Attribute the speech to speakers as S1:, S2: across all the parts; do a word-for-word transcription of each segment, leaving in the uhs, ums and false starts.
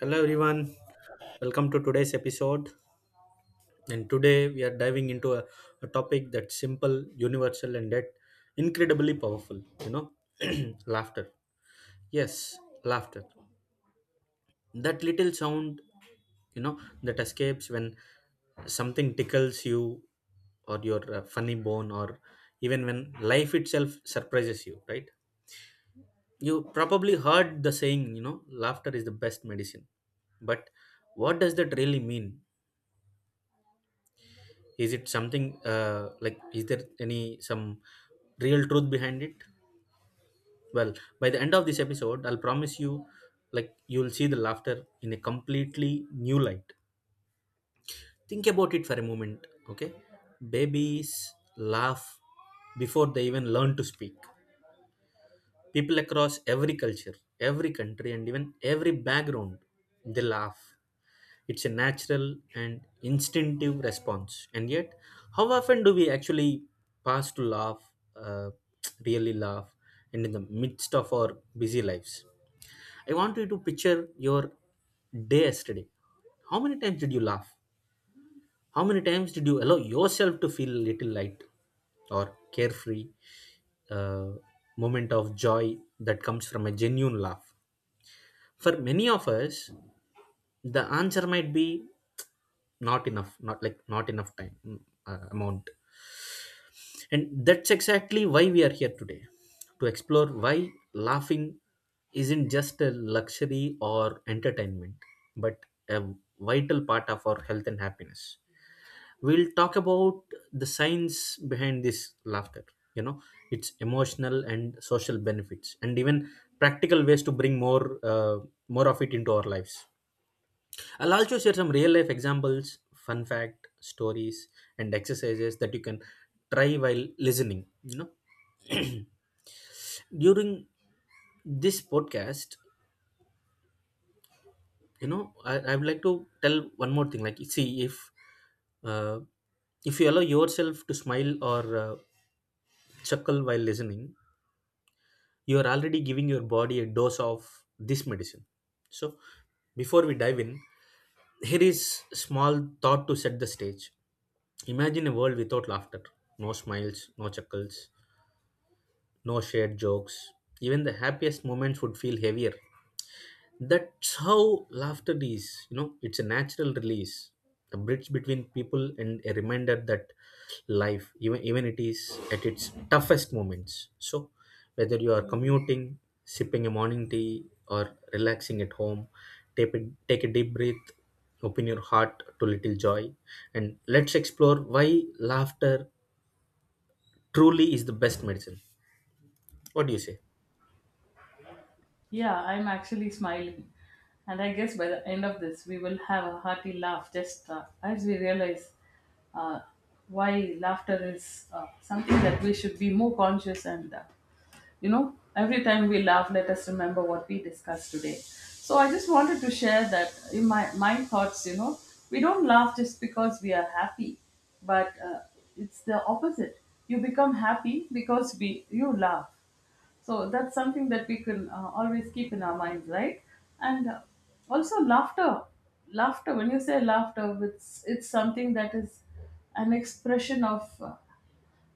S1: Hello everyone, welcome to today's episode. And today we are diving into a, a topic that's simple, universal, and yet incredibly powerful. You know, laughter. Yes, laughter. That little sound, you know, that escapes when something tickles you, or your uh, funny bone, or even when life itself surprises you, right? You probably heard the saying, you know, laughter is the best medicine. But what does that really mean? Is it something uh, like is there any some real truth behind it? Well, by the end of this episode, I'll promise you, like, you'll see the laughter in a completely new light. Think about it for a moment, okay? Babies laugh before they even learn to speak. People across every culture, every country, and even every background, they laugh. It's a natural and instinctive response, and yet how often do we actually pass to laugh, uh, really laugh? And in the midst of our busy lives, I want you to picture your day yesterday. How many times did you laugh? How many times did you allow yourself to feel a little light or carefree, uh, moment of joy that comes from a genuine laugh? For many of us, the answer might be not enough, not like not enough time mm, uh, amount. And that's exactly why we are here today, to explore why laughing isn't just a luxury or entertainment, but a vital part of our health and happiness. We'll talk about the science behind this laughter, you know its emotional and social benefits, and even practical ways to bring more uh, more of it into our lives. I'll also share some real life examples, fun fact stories, and exercises that you can try while listening you know During this podcast, you know I, I would like to tell one more thing, like, see if uh, if you allow yourself to smile or uh, chuckle while listening, you are already giving your body a dose of this medicine. So, before we dive in, here is small thought to set the stage. Imagine a world without laughter, no smiles, no chuckles, no shared jokes. Even the happiest moments would feel heavier. That's how laughter is you know It's a natural release, a bridge between people, and a reminder that life even even it is at its toughest moments. So whether you are commuting, sipping a morning tea, or relaxing at home, take a, take a deep breath, open your heart to little joy, and let's explore why laughter truly is the best medicine. What do you say?
S2: Yeah, I'm actually smiling. And I guess by the end of this, we will have a hearty laugh just uh, as we realize uh, why laughter is uh, something that we should be more conscious and, uh, you know, every time we laugh, let us remember what we discussed today. So I just wanted to share that in my, my thoughts, you know, we don't laugh just because we are happy, but uh, it's the opposite. You become happy because we, you laugh, so that's something that we can uh, always keep in our minds, right? And uh, also laughter, laughter. When you say laughter, it's it's something that is an expression of uh,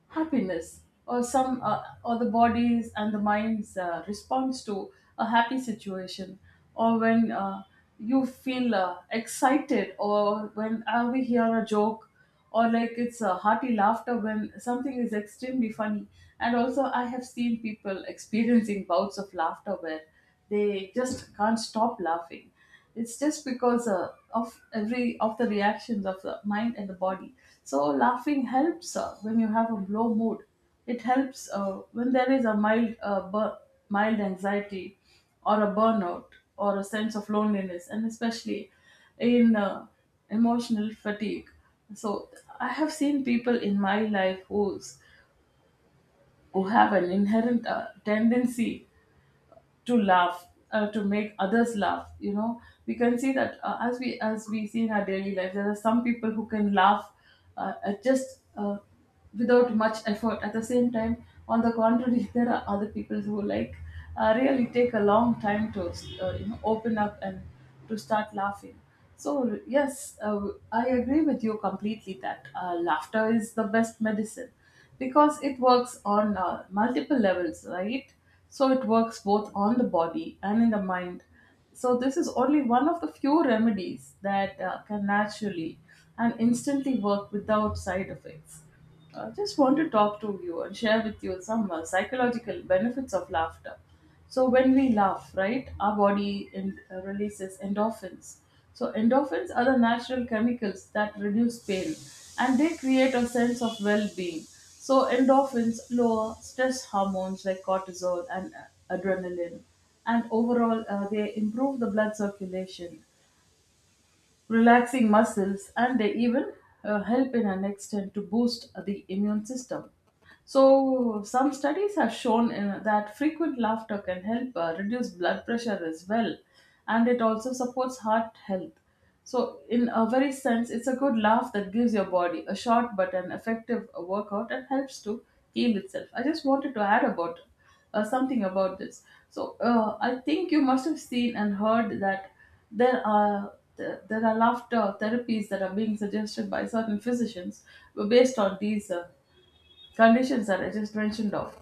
S2: happiness, or some uh, or the body's and the mind's uh, response to a happy situation, or when uh, you feel uh, excited, or when uh, we hear a joke, or like it's a hearty laughter when something is extremely funny. And also I have seen people experiencing bouts of laughter where they just can't stop laughing. It's just because uh, of every of the reactions of the mind and the body. So laughing helps uh, when you have a low mood. It helps uh, when there is a mild uh, bur- mild anxiety, or a burnout, or a sense of loneliness, and especially in uh, emotional fatigue. So I have seen people in my life who's who have an inherent uh, tendency to laugh, uh, to make others laugh, you know. We can see that uh, as we as we see in our daily life, there are some people who can laugh uh, at just uh, without much effort. At the same time, on the contrary, there are other people who, like, uh, really take a long time to, uh, you know, open up and to start laughing. So, yes, uh, I agree with you completely that uh, laughter is the best medicine because it works on uh, multiple levels, right? So, it works both on the body and in the mind. So, this is only one of the few remedies that uh, can naturally and instantly work without side effects. I just want to talk to you and share with you some uh, psychological benefits of laughter. So when we laugh, right, our body en- uh, releases endorphins. So endorphins are the natural chemicals that reduce pain and they create a sense of well-being. So endorphins lower stress hormones like cortisol and uh, adrenaline, and overall uh, they improve the blood circulation, relaxing muscles, and they even uh, help in an extent to boost the immune system. So, some studies have shown uh, that frequent laughter can help uh, reduce blood pressure as well, and it also supports heart health. So, in a very sense, it's a good laugh that gives your body a short but an effective workout and helps to heal itself. I just wanted to add about uh, something about this. So uh, I think you must have seen and heard that there are th- there are laughter therapies that are being suggested by certain physicians based on these uh, conditions that I just mentioned of.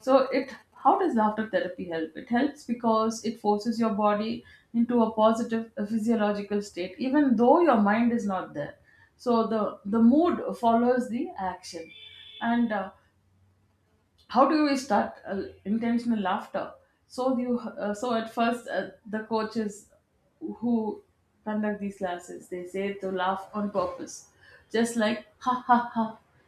S2: So it how does laughter therapy help? It helps because it forces your body into a positive uh, physiological state, even though your mind is not there. So the the mood follows the action, and uh, how do you start uh, intentional laughter? So do you uh, so at first, uh, the coaches who conduct these classes, they say to laugh on purpose, just like ha ha ha.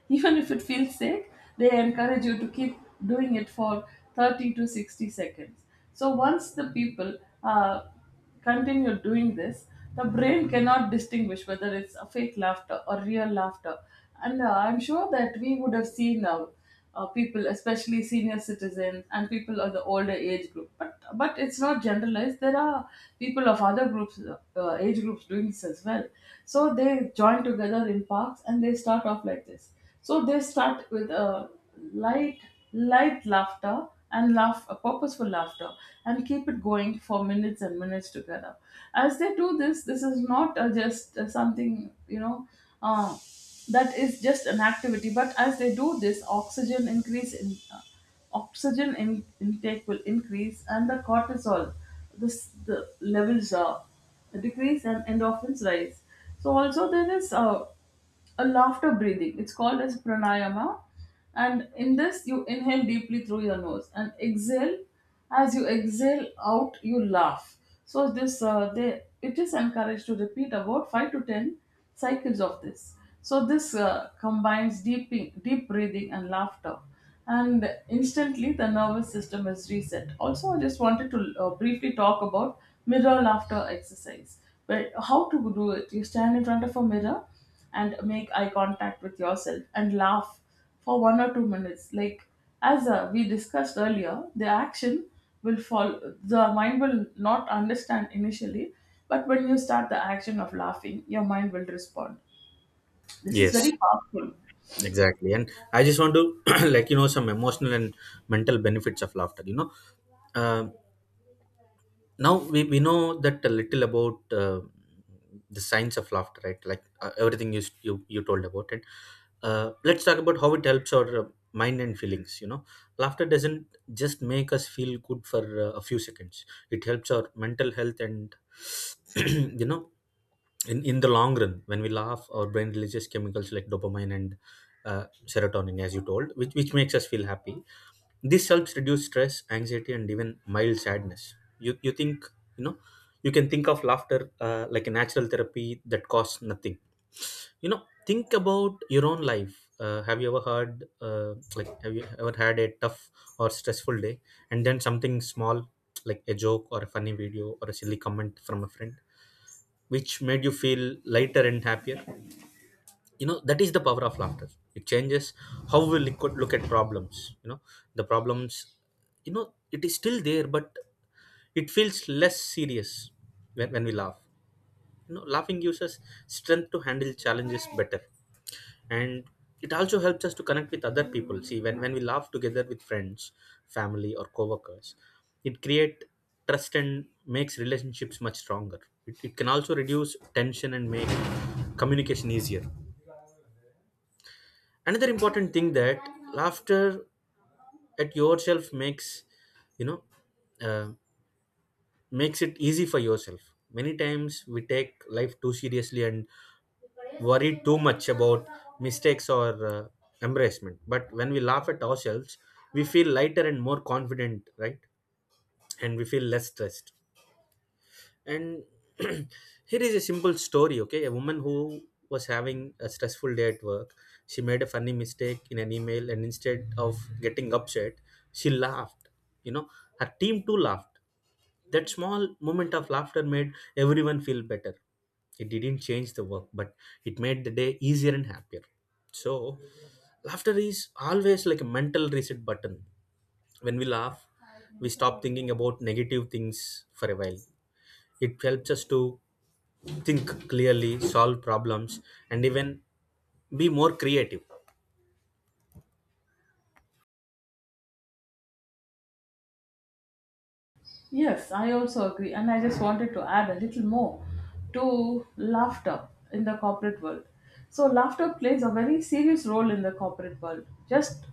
S2: Even if it feels sick, they encourage you to keep doing it for thirty to sixty seconds. So once the people, uh, continue doing this, the brain cannot distinguish whether it's a fake laughter or real laughter. And uh, I'm sure that we would have seen uh, uh, people, especially senior citizens and people of the older age group. But but it's not generalized. There are people of other groups, uh, uh, age groups, doing this as well. So they join together in parks and they start off like this. So they start with a light, light laughter, and laugh, a purposeful laughter, and keep it going for minutes and minutes together. As they do this, this is not uh, just uh, something you know uh, that is just an activity, but as they do this, oxygen increase in uh, oxygen in, intake will increase, and the cortisol, this the levels are decrease and endorphins rise. So also there is uh, a laughter breathing. It's called as pranayama. And in this, you inhale deeply through your nose and exhale. As you exhale out, you laugh. So this, uh, they, it is encouraged to repeat about five to ten cycles of this. So this uh, combines deep, deep breathing and laughter, and instantly the nervous system is reset. Also, I just wanted to uh, briefly talk about mirror laughter exercise. But how to do it? You stand in front of a mirror and make eye contact with yourself and laugh for one or two minutes. Like as uh, we discussed earlier, the action will fall. The mind will not understand initially, but when you start the action of laughing, your mind will respond. This is
S1: Yes,
S2: very powerful.
S1: exactly. And I just want to, like, you know, some emotional and mental benefits of laughter. You know, Um Now we, we know that a little about uh, the science of laughter, right? Like, uh, everything you, s- you you told about it. Uh, let's talk about how it helps our uh, mind and feelings you know Laughter doesn't just make us feel good for uh, a few seconds. It helps our mental health and you know, in, in the long run, when we laugh, our brain releases chemicals like dopamine and uh, serotonin, as you told, which, which makes us feel happy. This helps reduce stress, anxiety, and even mild sadness, you, you think. You know, you can think of laughter uh, like a natural therapy that costs nothing. You know, think about your own life. Uh, have you ever heard uh, like have you ever had a tough or stressful day, and then something small, like a joke or a funny video or a silly comment from a friend, which made you feel lighter and happier? You know, that is the power of laughter. It changes how we look at, look at problems. You know, the problems, you know, it is still there, but it feels less serious when, when we laugh. You know, laughing gives us strength to handle challenges better, and it also helps us to connect with other people. See, when, when we laugh together with friends, family, or coworkers, it creates trust and makes relationships much stronger. It, it can also reduce tension and make communication easier. Another important thing that laughter at yourself makes, you know uh, makes it easy for yourself. Many times we take life too seriously and worry too much about mistakes or uh, embarrassment. But when we laugh at ourselves, we feel lighter and more confident, right? And we feel less stressed. And here is a simple story, okay? A woman who was having a stressful day at work. She made a funny mistake in an email, and instead of getting upset, she laughed. You know, her team too laughed. That small moment of laughter made everyone feel better. It didn't change the work, but it made the day easier and happier. So, laughter is always like a mental reset button. When we laugh, we stop thinking about negative things for a while. It helps us to think clearly, solve problems, and even be more creative.
S2: Yes, I also agree. And I just wanted to add a little more to laughter in the corporate world. So, laughter plays a very serious role in the corporate world. Just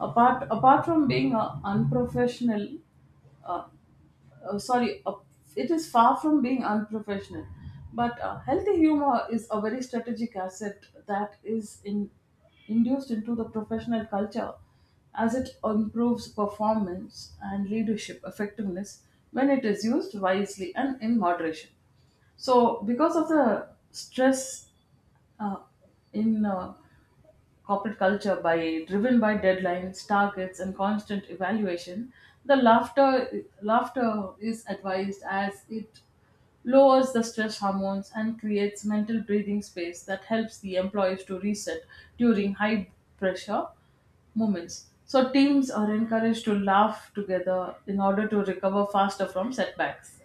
S2: apart, apart from being uh, unprofessional, uh, sorry, uh, it is far from being unprofessional. But uh, healthy humor is a very strategic asset that is in, induced into the professional culture as it improves performance and leadership effectiveness when it is used wisely and in moderation. So, because of the stress uh, in uh, corporate culture by driven by deadlines, targets, and constant evaluation, the laughter laughter is advised as it lowers the stress hormones and creates mental breathing space that helps the employees to reset during high pressure moments. So teams are encouraged to laugh together in order to recover faster from setbacks.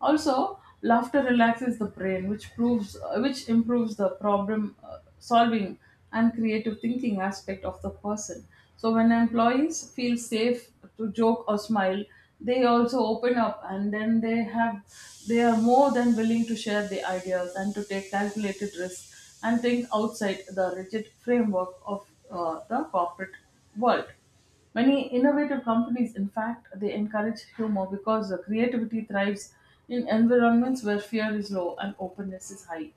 S2: Also, laughter relaxes the brain, which proves uh, which improves the problem uh, solving and creative thinking aspect of the person. So when employees feel safe to joke or smile, they also open up, and then they have they are more than willing to share the ideas and to take calculated risks and think outside the rigid framework of uh, the corporate world. Many innovative companies, in fact, they encourage humor because the creativity thrives in environments where fear is low and openness is high.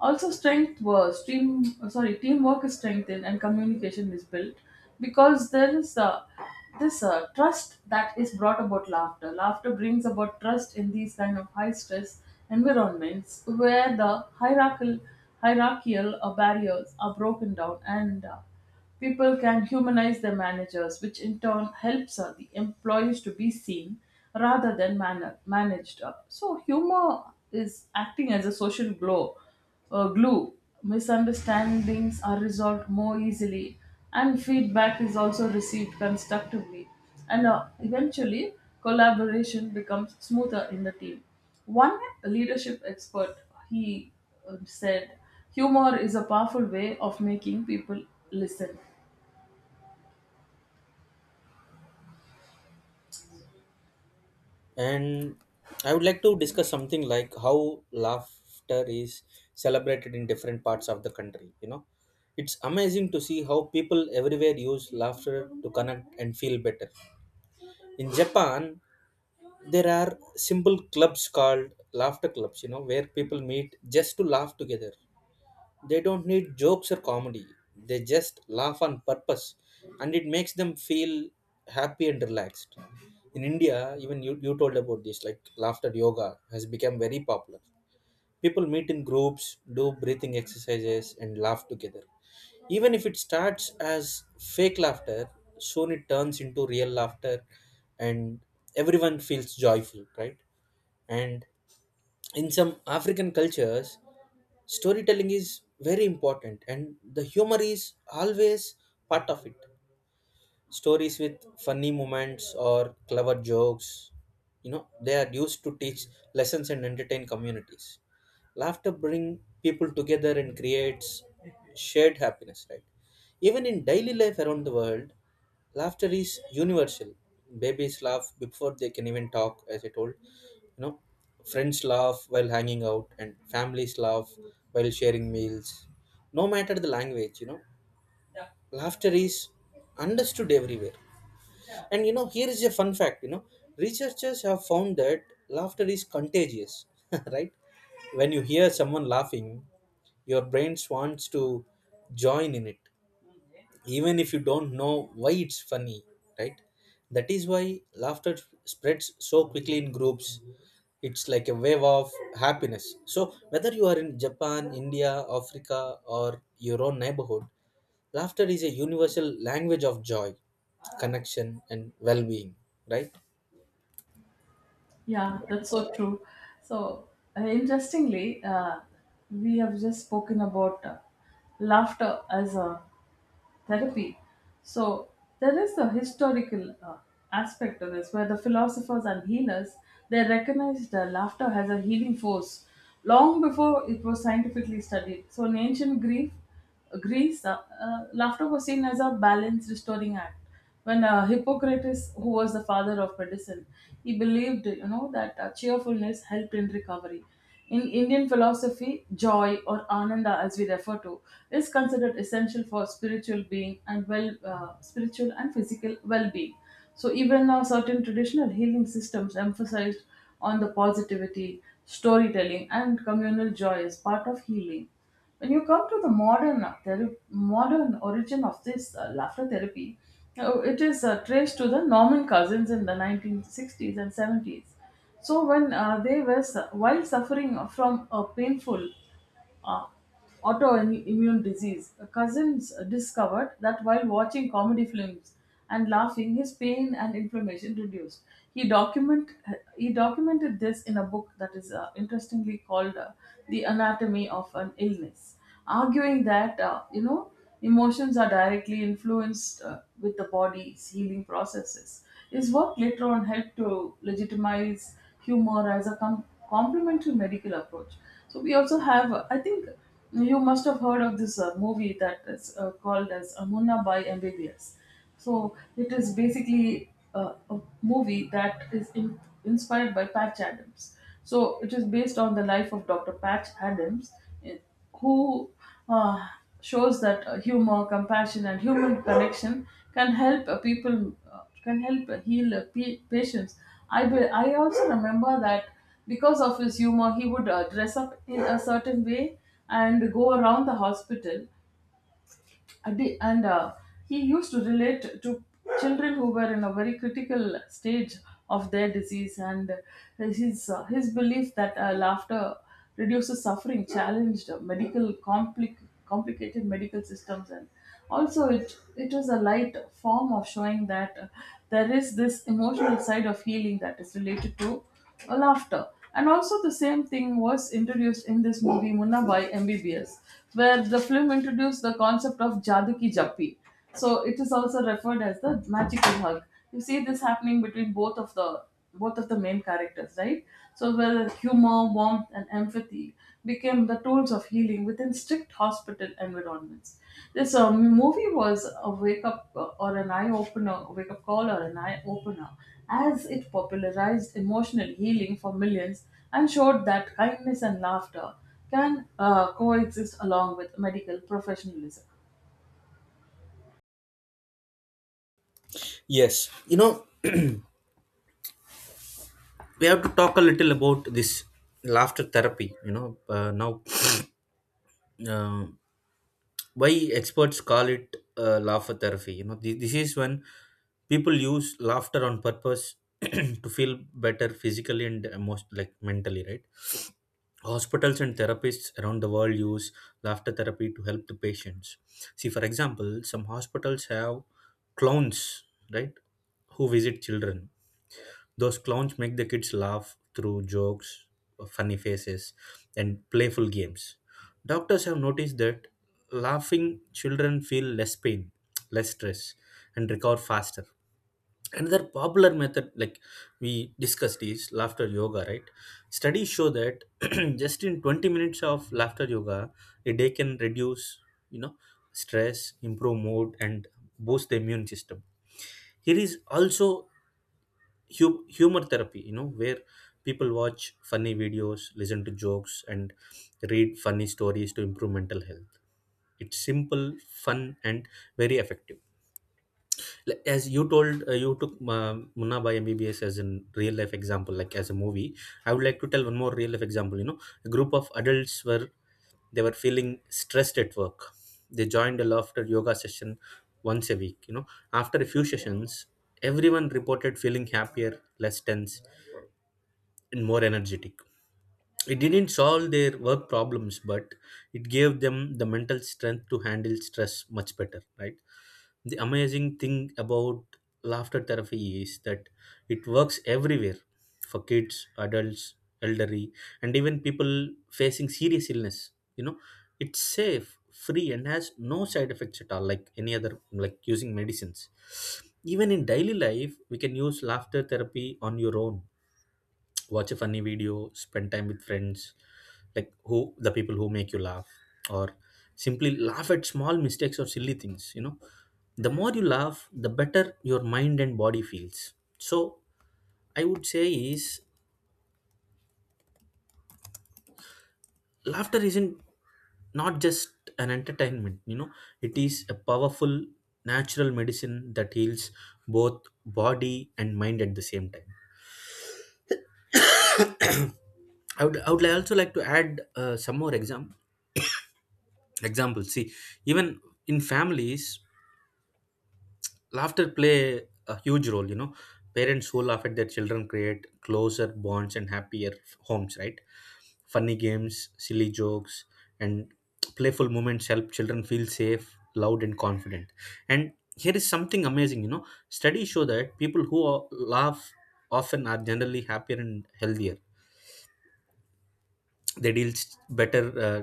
S2: Also, strength was team. Uh, Sorry, teamwork is strengthened and communication is built because there is uh, this uh, trust that is brought about laughter. Laughter brings about trust in these kind of high stress environments where the hierarchical hierarchical uh, barriers are broken down, and uh, people can humanize their managers, which in turn helps uh, the employees to be seen rather than man- managed. Uh, So, humor is acting as a social glow uh, glue. Misunderstandings are resolved more easily, and feedback is also received constructively. And uh, eventually, collaboration becomes smoother in the team. One leadership expert, he uh, said, "Humor is a powerful way of making people listen."
S1: And I would like to discuss something like how laughter is celebrated in different parts of the country. You know, it's amazing to see how people everywhere use laughter to connect and feel better. In Japan, there are simple clubs called laughter clubs, you know, where people meet just to laugh together. They don't need jokes or comedy. They just laugh on purpose, and it makes them feel happy and relaxed. In India, even you, you told about this, like laughter yoga has become very popular. People meet in groups, do breathing exercises, and laugh together. Even if it starts as fake laughter, soon it turns into real laughter, and everyone feels joyful, right? And in some African cultures, storytelling is very important, and the humor is always part of it. Stories with funny moments or clever jokes, you know, they are used to teach lessons and entertain communities. Laughter bring people together and creates shared happiness, right? Even in daily life around the world, laughter is universal. Babies laugh before they can even talk, as I told. You know, friends laugh while hanging out, and families laugh while sharing meals. No matter the language, you know, laughter is understood everywhere. And you know, here is a fun fact. You know, researchers have found that laughter is contagious, right? When you hear someone laughing, your brain wants to join in it, even if you don't know why it's funny, right? That is why laughter spreads so quickly in groups. It's like a wave of happiness. So whether you are in Japan, India, Africa, or your own neighborhood, laughter is a universal language of joy, connection, and well-being, right?
S2: Yeah, that's so true. So, uh, interestingly, uh, we have just spoken about uh, laughter as a therapy. So there is a historical uh, aspect to this where the philosophers and healers, they recognized that laughter has a healing force long before it was scientifically studied. So in ancient Greek, Greece, uh, uh, laughter was seen as a balance restoring act. When uh, Hippocrates, who was the father of medicine, he believed, you know, that uh, cheerfulness helped in recovery. In Indian philosophy, joy or ananda, as we refer to, is considered essential for spiritual being and well, uh, spiritual and physical well-being. So even now, certain traditional healing systems emphasized on the positivity, storytelling, and communal joy as part of healing. When you come to the modern uh, thera- modern origin of this uh, laughter therapy, uh, it is uh, traced to the Norman cousins in the nineteen sixties and seventies. So when uh, they were su- while suffering from a painful uh, autoimmune disease, cousins discovered that while watching comedy films and laughing, his pain and inflammation reduced. He document he documented this in a book that is uh, interestingly called, uh, "The Anatomy of an Illness," arguing that, uh, you know, emotions are directly influenced uh, with the body's healing processes. His work later on helped to legitimize humor as a com- complementary medical approach. So we also have, I think you must have heard of this uh, movie that is uh, called as Amuna by M B B S. So it is basically uh, a movie that is in, inspired by Patch Adams. So it is based on the life of doctor Patch Adams, eh, who uh, shows that uh, humor, compassion, and human connection can help uh, people uh, can help uh, heal uh, pa- patients. I be- I also remember that because of his humor, he would uh, dress up in a certain way and go around the hospital and the- and, uh, he used to relate to children who were in a very critical stage of their disease, and his uh, his belief that uh, laughter reduces suffering challenged medical compli- complicated medical systems. And also, it it is a light form of showing that uh, there is this emotional side of healing that is related to uh, laughter. And also, the same thing was introduced in this movie Munna by M B B S, where the film introduced the concept of Jadu Ki Jappi. So it is also referred as the magical hug. You see this happening between both of the both of the main characters, right? So where humor, warmth, and empathy became the tools of healing within strict hospital environments. This uh, movie was a wake up uh, or an eye opener, wake up call or an eye opener, as it popularized emotional healing for millions and showed that kindness and laughter can uh, coexist along with medical professionalism.
S1: Yes, you know, we have to talk a little about this laughter therapy. You know uh, now uh, why experts call it uh, laughter therapy? You know, this this is when people use laughter on purpose to feel better physically and most like mentally, right? Hospitals and therapists around the world use laughter therapy to help the patients. See, for example, some hospitals have clowns, right, who visit children. Those clowns make the kids laugh through jokes, funny faces, and playful games. Doctors have noticed that laughing children feel less pain, less stress, and recover faster. Another popular method, like we discussed, is laughter yoga, right? Studies show that just in twenty minutes of laughter yoga, a day can reduce, you know, stress, improve mood, and boost the immune system. Here is also hu- humor therapy, you know, where people watch funny videos, listen to jokes, and read funny stories to improve mental health. It's simple, fun, and very effective. Like, as you told, uh, you took uh, munna by mbbs as a real life example, like as a movie, I would like to tell one more real life example. You know, a group of adults were, they were feeling stressed at work. They joined a laughter yoga session once a week. You know, after a few sessions, everyone reported feeling happier, less tense, and more energetic. It didn't solve their work problems, but it gave them the mental strength to handle stress much better, right? The amazing thing about laughter therapy is that it works everywhere, for kids, adults, elderly, and even people facing serious illness. You know, it's safe, free, and has no side effects at all, like any other, like using medicines. Even in daily life, we can use laughter therapy on your own. Watch a funny video, spend time with friends, like who the people who make you laugh, or simply laugh at small mistakes or silly things. You know, the more you laugh, the better your mind and body feels. So I would say is, laughter isn't not just an entertainment. You know, it is a powerful natural medicine that heals both body and mind at the same time. I would, I would like, also like to add uh, some more exam examples. See, even in families, laughter play a huge role. You know, parents who laugh at their children create closer bonds and happier homes, right? Funny games, silly jokes, and playful moments help children feel safe, loud, and confident. And here is something amazing. You know, studies show that people who laugh often are generally happier and healthier. They deal s- better uh,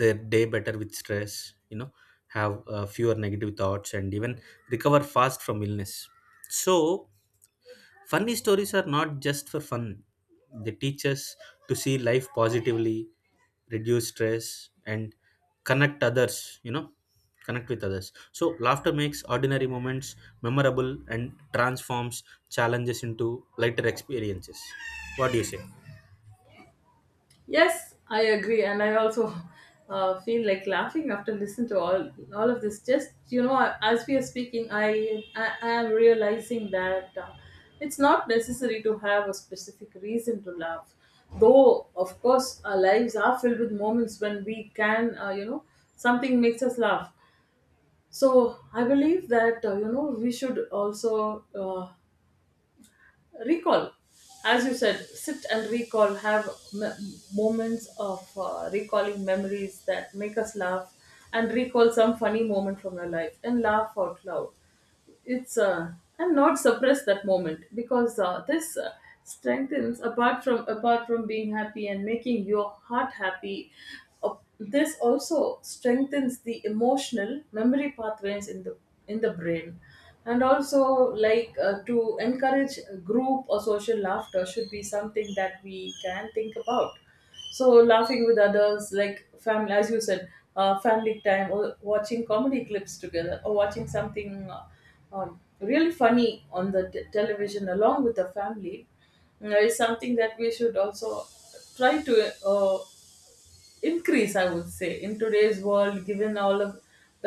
S1: their day better with stress. You know, have uh, fewer negative thoughts, and even recover fast from illness. So funny stories are not just for fun. They teach us to see life positively, reduce stress, and connect others, you know, connect with others. So laughter makes ordinary moments memorable and transforms challenges into lighter experiences. What do you say?
S2: Yes, I agree, and I also uh, feel like laughing after listening to all all of this. Just you know, as we are speaking, I I, I am realizing that uh, it's not necessary to have a specific reason to laugh. Though, of course, our lives are filled with moments when we can, uh, you know, something makes us laugh. So I believe that uh, you know, we should also uh, recall, as you said, sit and recall, have m- moments of uh, recalling memories that make us laugh, and recall some funny moment from your life and laugh out loud. It's uh, And not suppress that moment, because uh, this uh, strengthens, apart from apart from being happy and making your heart happy, uh, this also strengthens the emotional memory pathways in the in the brain. And also, like, uh, to encourage group or social laughter should be something that we can think about. So laughing with others, like family, as you said, uh, family time, or watching comedy clips together, or watching something uh, um, really funny on the t- television along with the family, uh, is something that we should also try to uh, increase, I would say, in today's world, given all of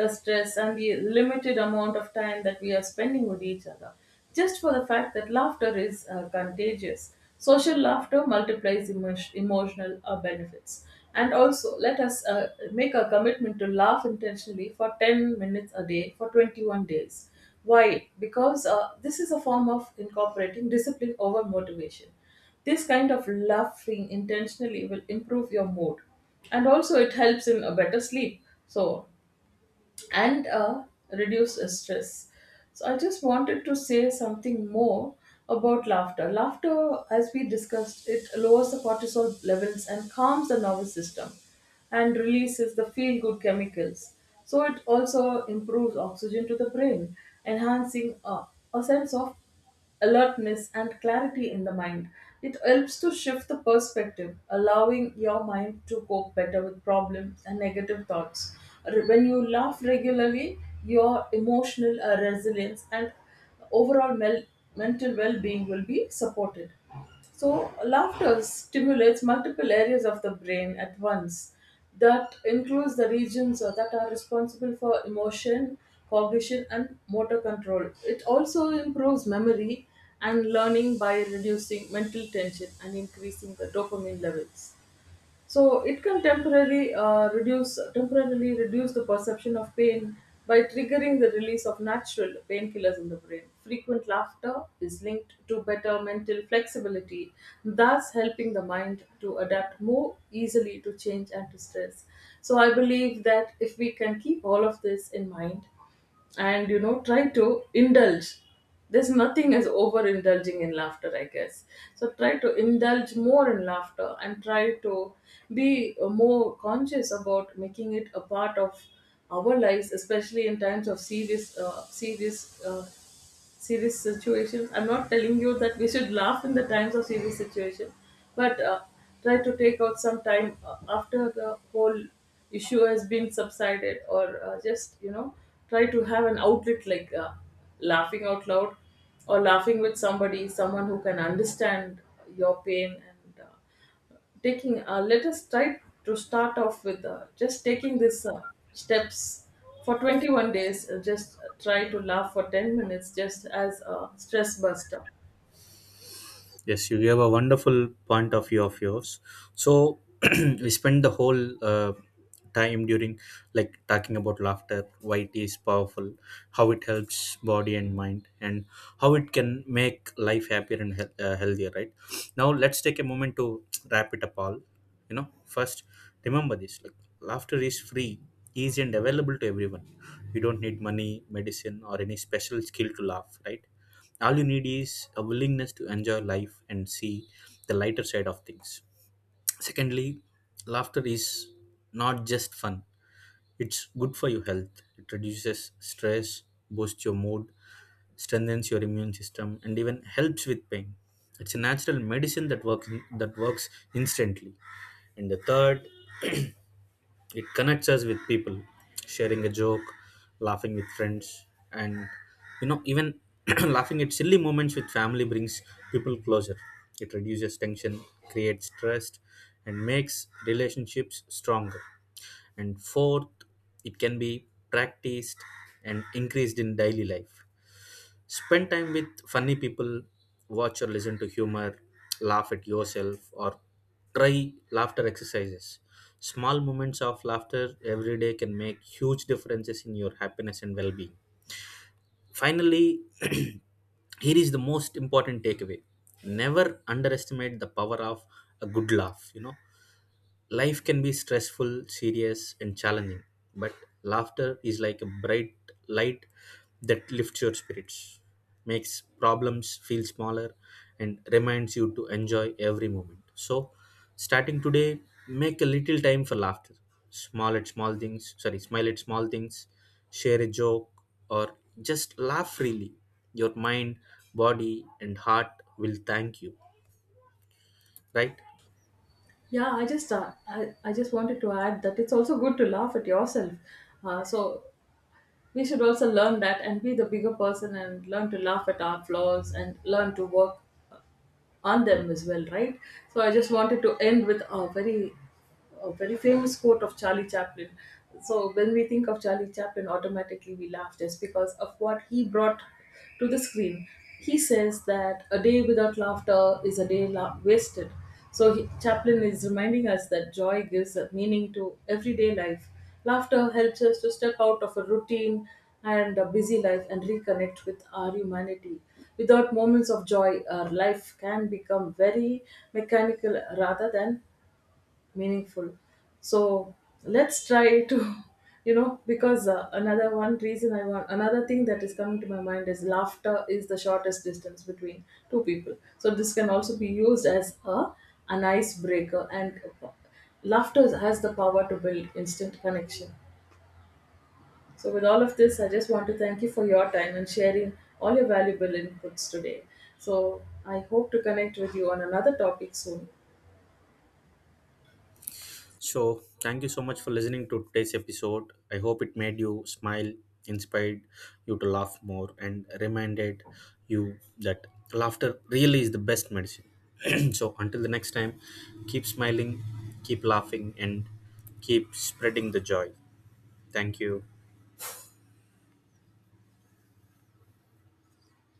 S2: the stress and the limited amount of time that we are spending with each other. Just for the fact that laughter is uh, contagious, social laughter multiplies emo- emotional uh, benefits. And also, let us uh, make a commitment to laugh intentionally for ten minutes a day for twenty-one days. Why? Because uh, this is a form of incorporating discipline over motivation. This kind of laughing intentionally will improve your mood, and also it helps in a better sleep. So, and uh, reduce uh, stress. So, I just wanted to say something more about laughter. Laughter, as we discussed, it lowers the cortisol levels and calms the nervous system and releases the feel good chemicals. So, it also improves oxygen to the brain, enhancing uh, a sense of alertness and clarity in the mind. It helps to shift the perspective, allowing your mind to cope better with problems and negative thoughts. Re- When you laugh regularly, your emotional uh, resilience and overall mel- mental well being will be supported. So, laughter stimulates multiple areas of the brain at once. That includes the regions uh, that are responsible for emotion, cognition, and motor control. It also improves memory and learning by reducing mental tension and increasing the dopamine levels. So it can temporarily uh, reduce temporarily reduce the perception of pain by triggering the release of natural painkillers in the brain. Frequent laughter is linked to better mental flexibility, thus helping the mind to adapt more easily to change and to stress. So I believe that if we can keep all of this in mind and you know try to indulge, there's nothing as overindulging in laughter, I guess. So try to indulge more in laughter and try to be uh, more conscious about making it a part of our lives, especially in times of serious uh, serious uh, serious situations. I'm not telling you that we should laugh in the times of serious situation, but uh, try to take out some time uh, after the whole issue has been subsided, or uh, just you know try to have an outlet, like uh, laughing out loud or laughing with somebody, someone who can understand your pain, and uh, taking uh, let us try to start off with uh, just taking this uh, steps for twenty-one days. Uh, just try to laugh for ten minutes, just as a stress buster.
S1: Yes, you gave a wonderful point of view of yours. So we spent the whole uh, time during like talking about laughter, why it is powerful, how it helps body and mind, and how it can make life happier and hea- uh, healthier. Right now, let's take a moment to wrap it up all. You know, first remember this: like laughter is free, easy, and available to everyone. You don't need money, medicine, or any special skill to laugh. Right, all you need is a willingness to enjoy life and see the lighter side of things. Secondly, laughter is not just fun, it's good for your health. It reduces stress, boosts your mood, strengthens your immune system, and even helps with pain. It's a natural medicine that works that works instantly. And the third, it connects us with people, sharing a joke, laughing with friends, and, you know, even laughing at silly moments with family brings people closer. It reduces tension, creates trust, and makes relationships stronger. And fourth, it can be practiced and increased in daily life. Spend time with funny people, watch or listen to humor, laugh at yourself, or try laughter exercises. Small moments of laughter every day can make huge differences in your happiness and well being. Finally, here is the most important takeaway, never underestimate the power of a good laugh. You know, life can be stressful, serious, and challenging, but laughter is like a bright light that lifts your spirits, makes problems feel smaller, and reminds you to enjoy every moment. So, starting today, make a little time for laughter. Small at small things, sorry, smile at small things, share a joke, or just laugh freely. Your mind, body, and heart will thank you, right?
S2: Yeah, I just uh, I, I just wanted to add that it's also good to laugh at yourself. Uh, so we should also learn that and be the bigger person and learn to laugh at our flaws and learn to work on them as well, right? So I just wanted to end with a very, a very famous quote of Charlie Chaplin. So when we think of Charlie Chaplin, automatically we laugh just because of what he brought to the screen. He says that a day without laughter is a day la- wasted. So he, Chaplin, is reminding us that joy gives a meaning to everyday life. Laughter helps us to step out of a routine and a busy life and reconnect with our humanity. Without moments of joy, our life can become very mechanical rather than meaningful. So let's try to, you know, because uh, another one reason I want, another thing that is coming to my mind is laughter is the shortest distance between two people. So this can also be used as a an icebreaker, and laughter has the power to build instant connection. So, with all of this, I just want to thank you for your time and sharing all your valuable inputs today. So, I hope to connect with you on another topic soon.
S1: So, thank you so much for listening to today's episode. I hope it made you smile, inspired you to laugh more, and reminded you that laughter really is the best medicine. So, until the next time, keep smiling, keep laughing, and keep spreading the joy. Thank you.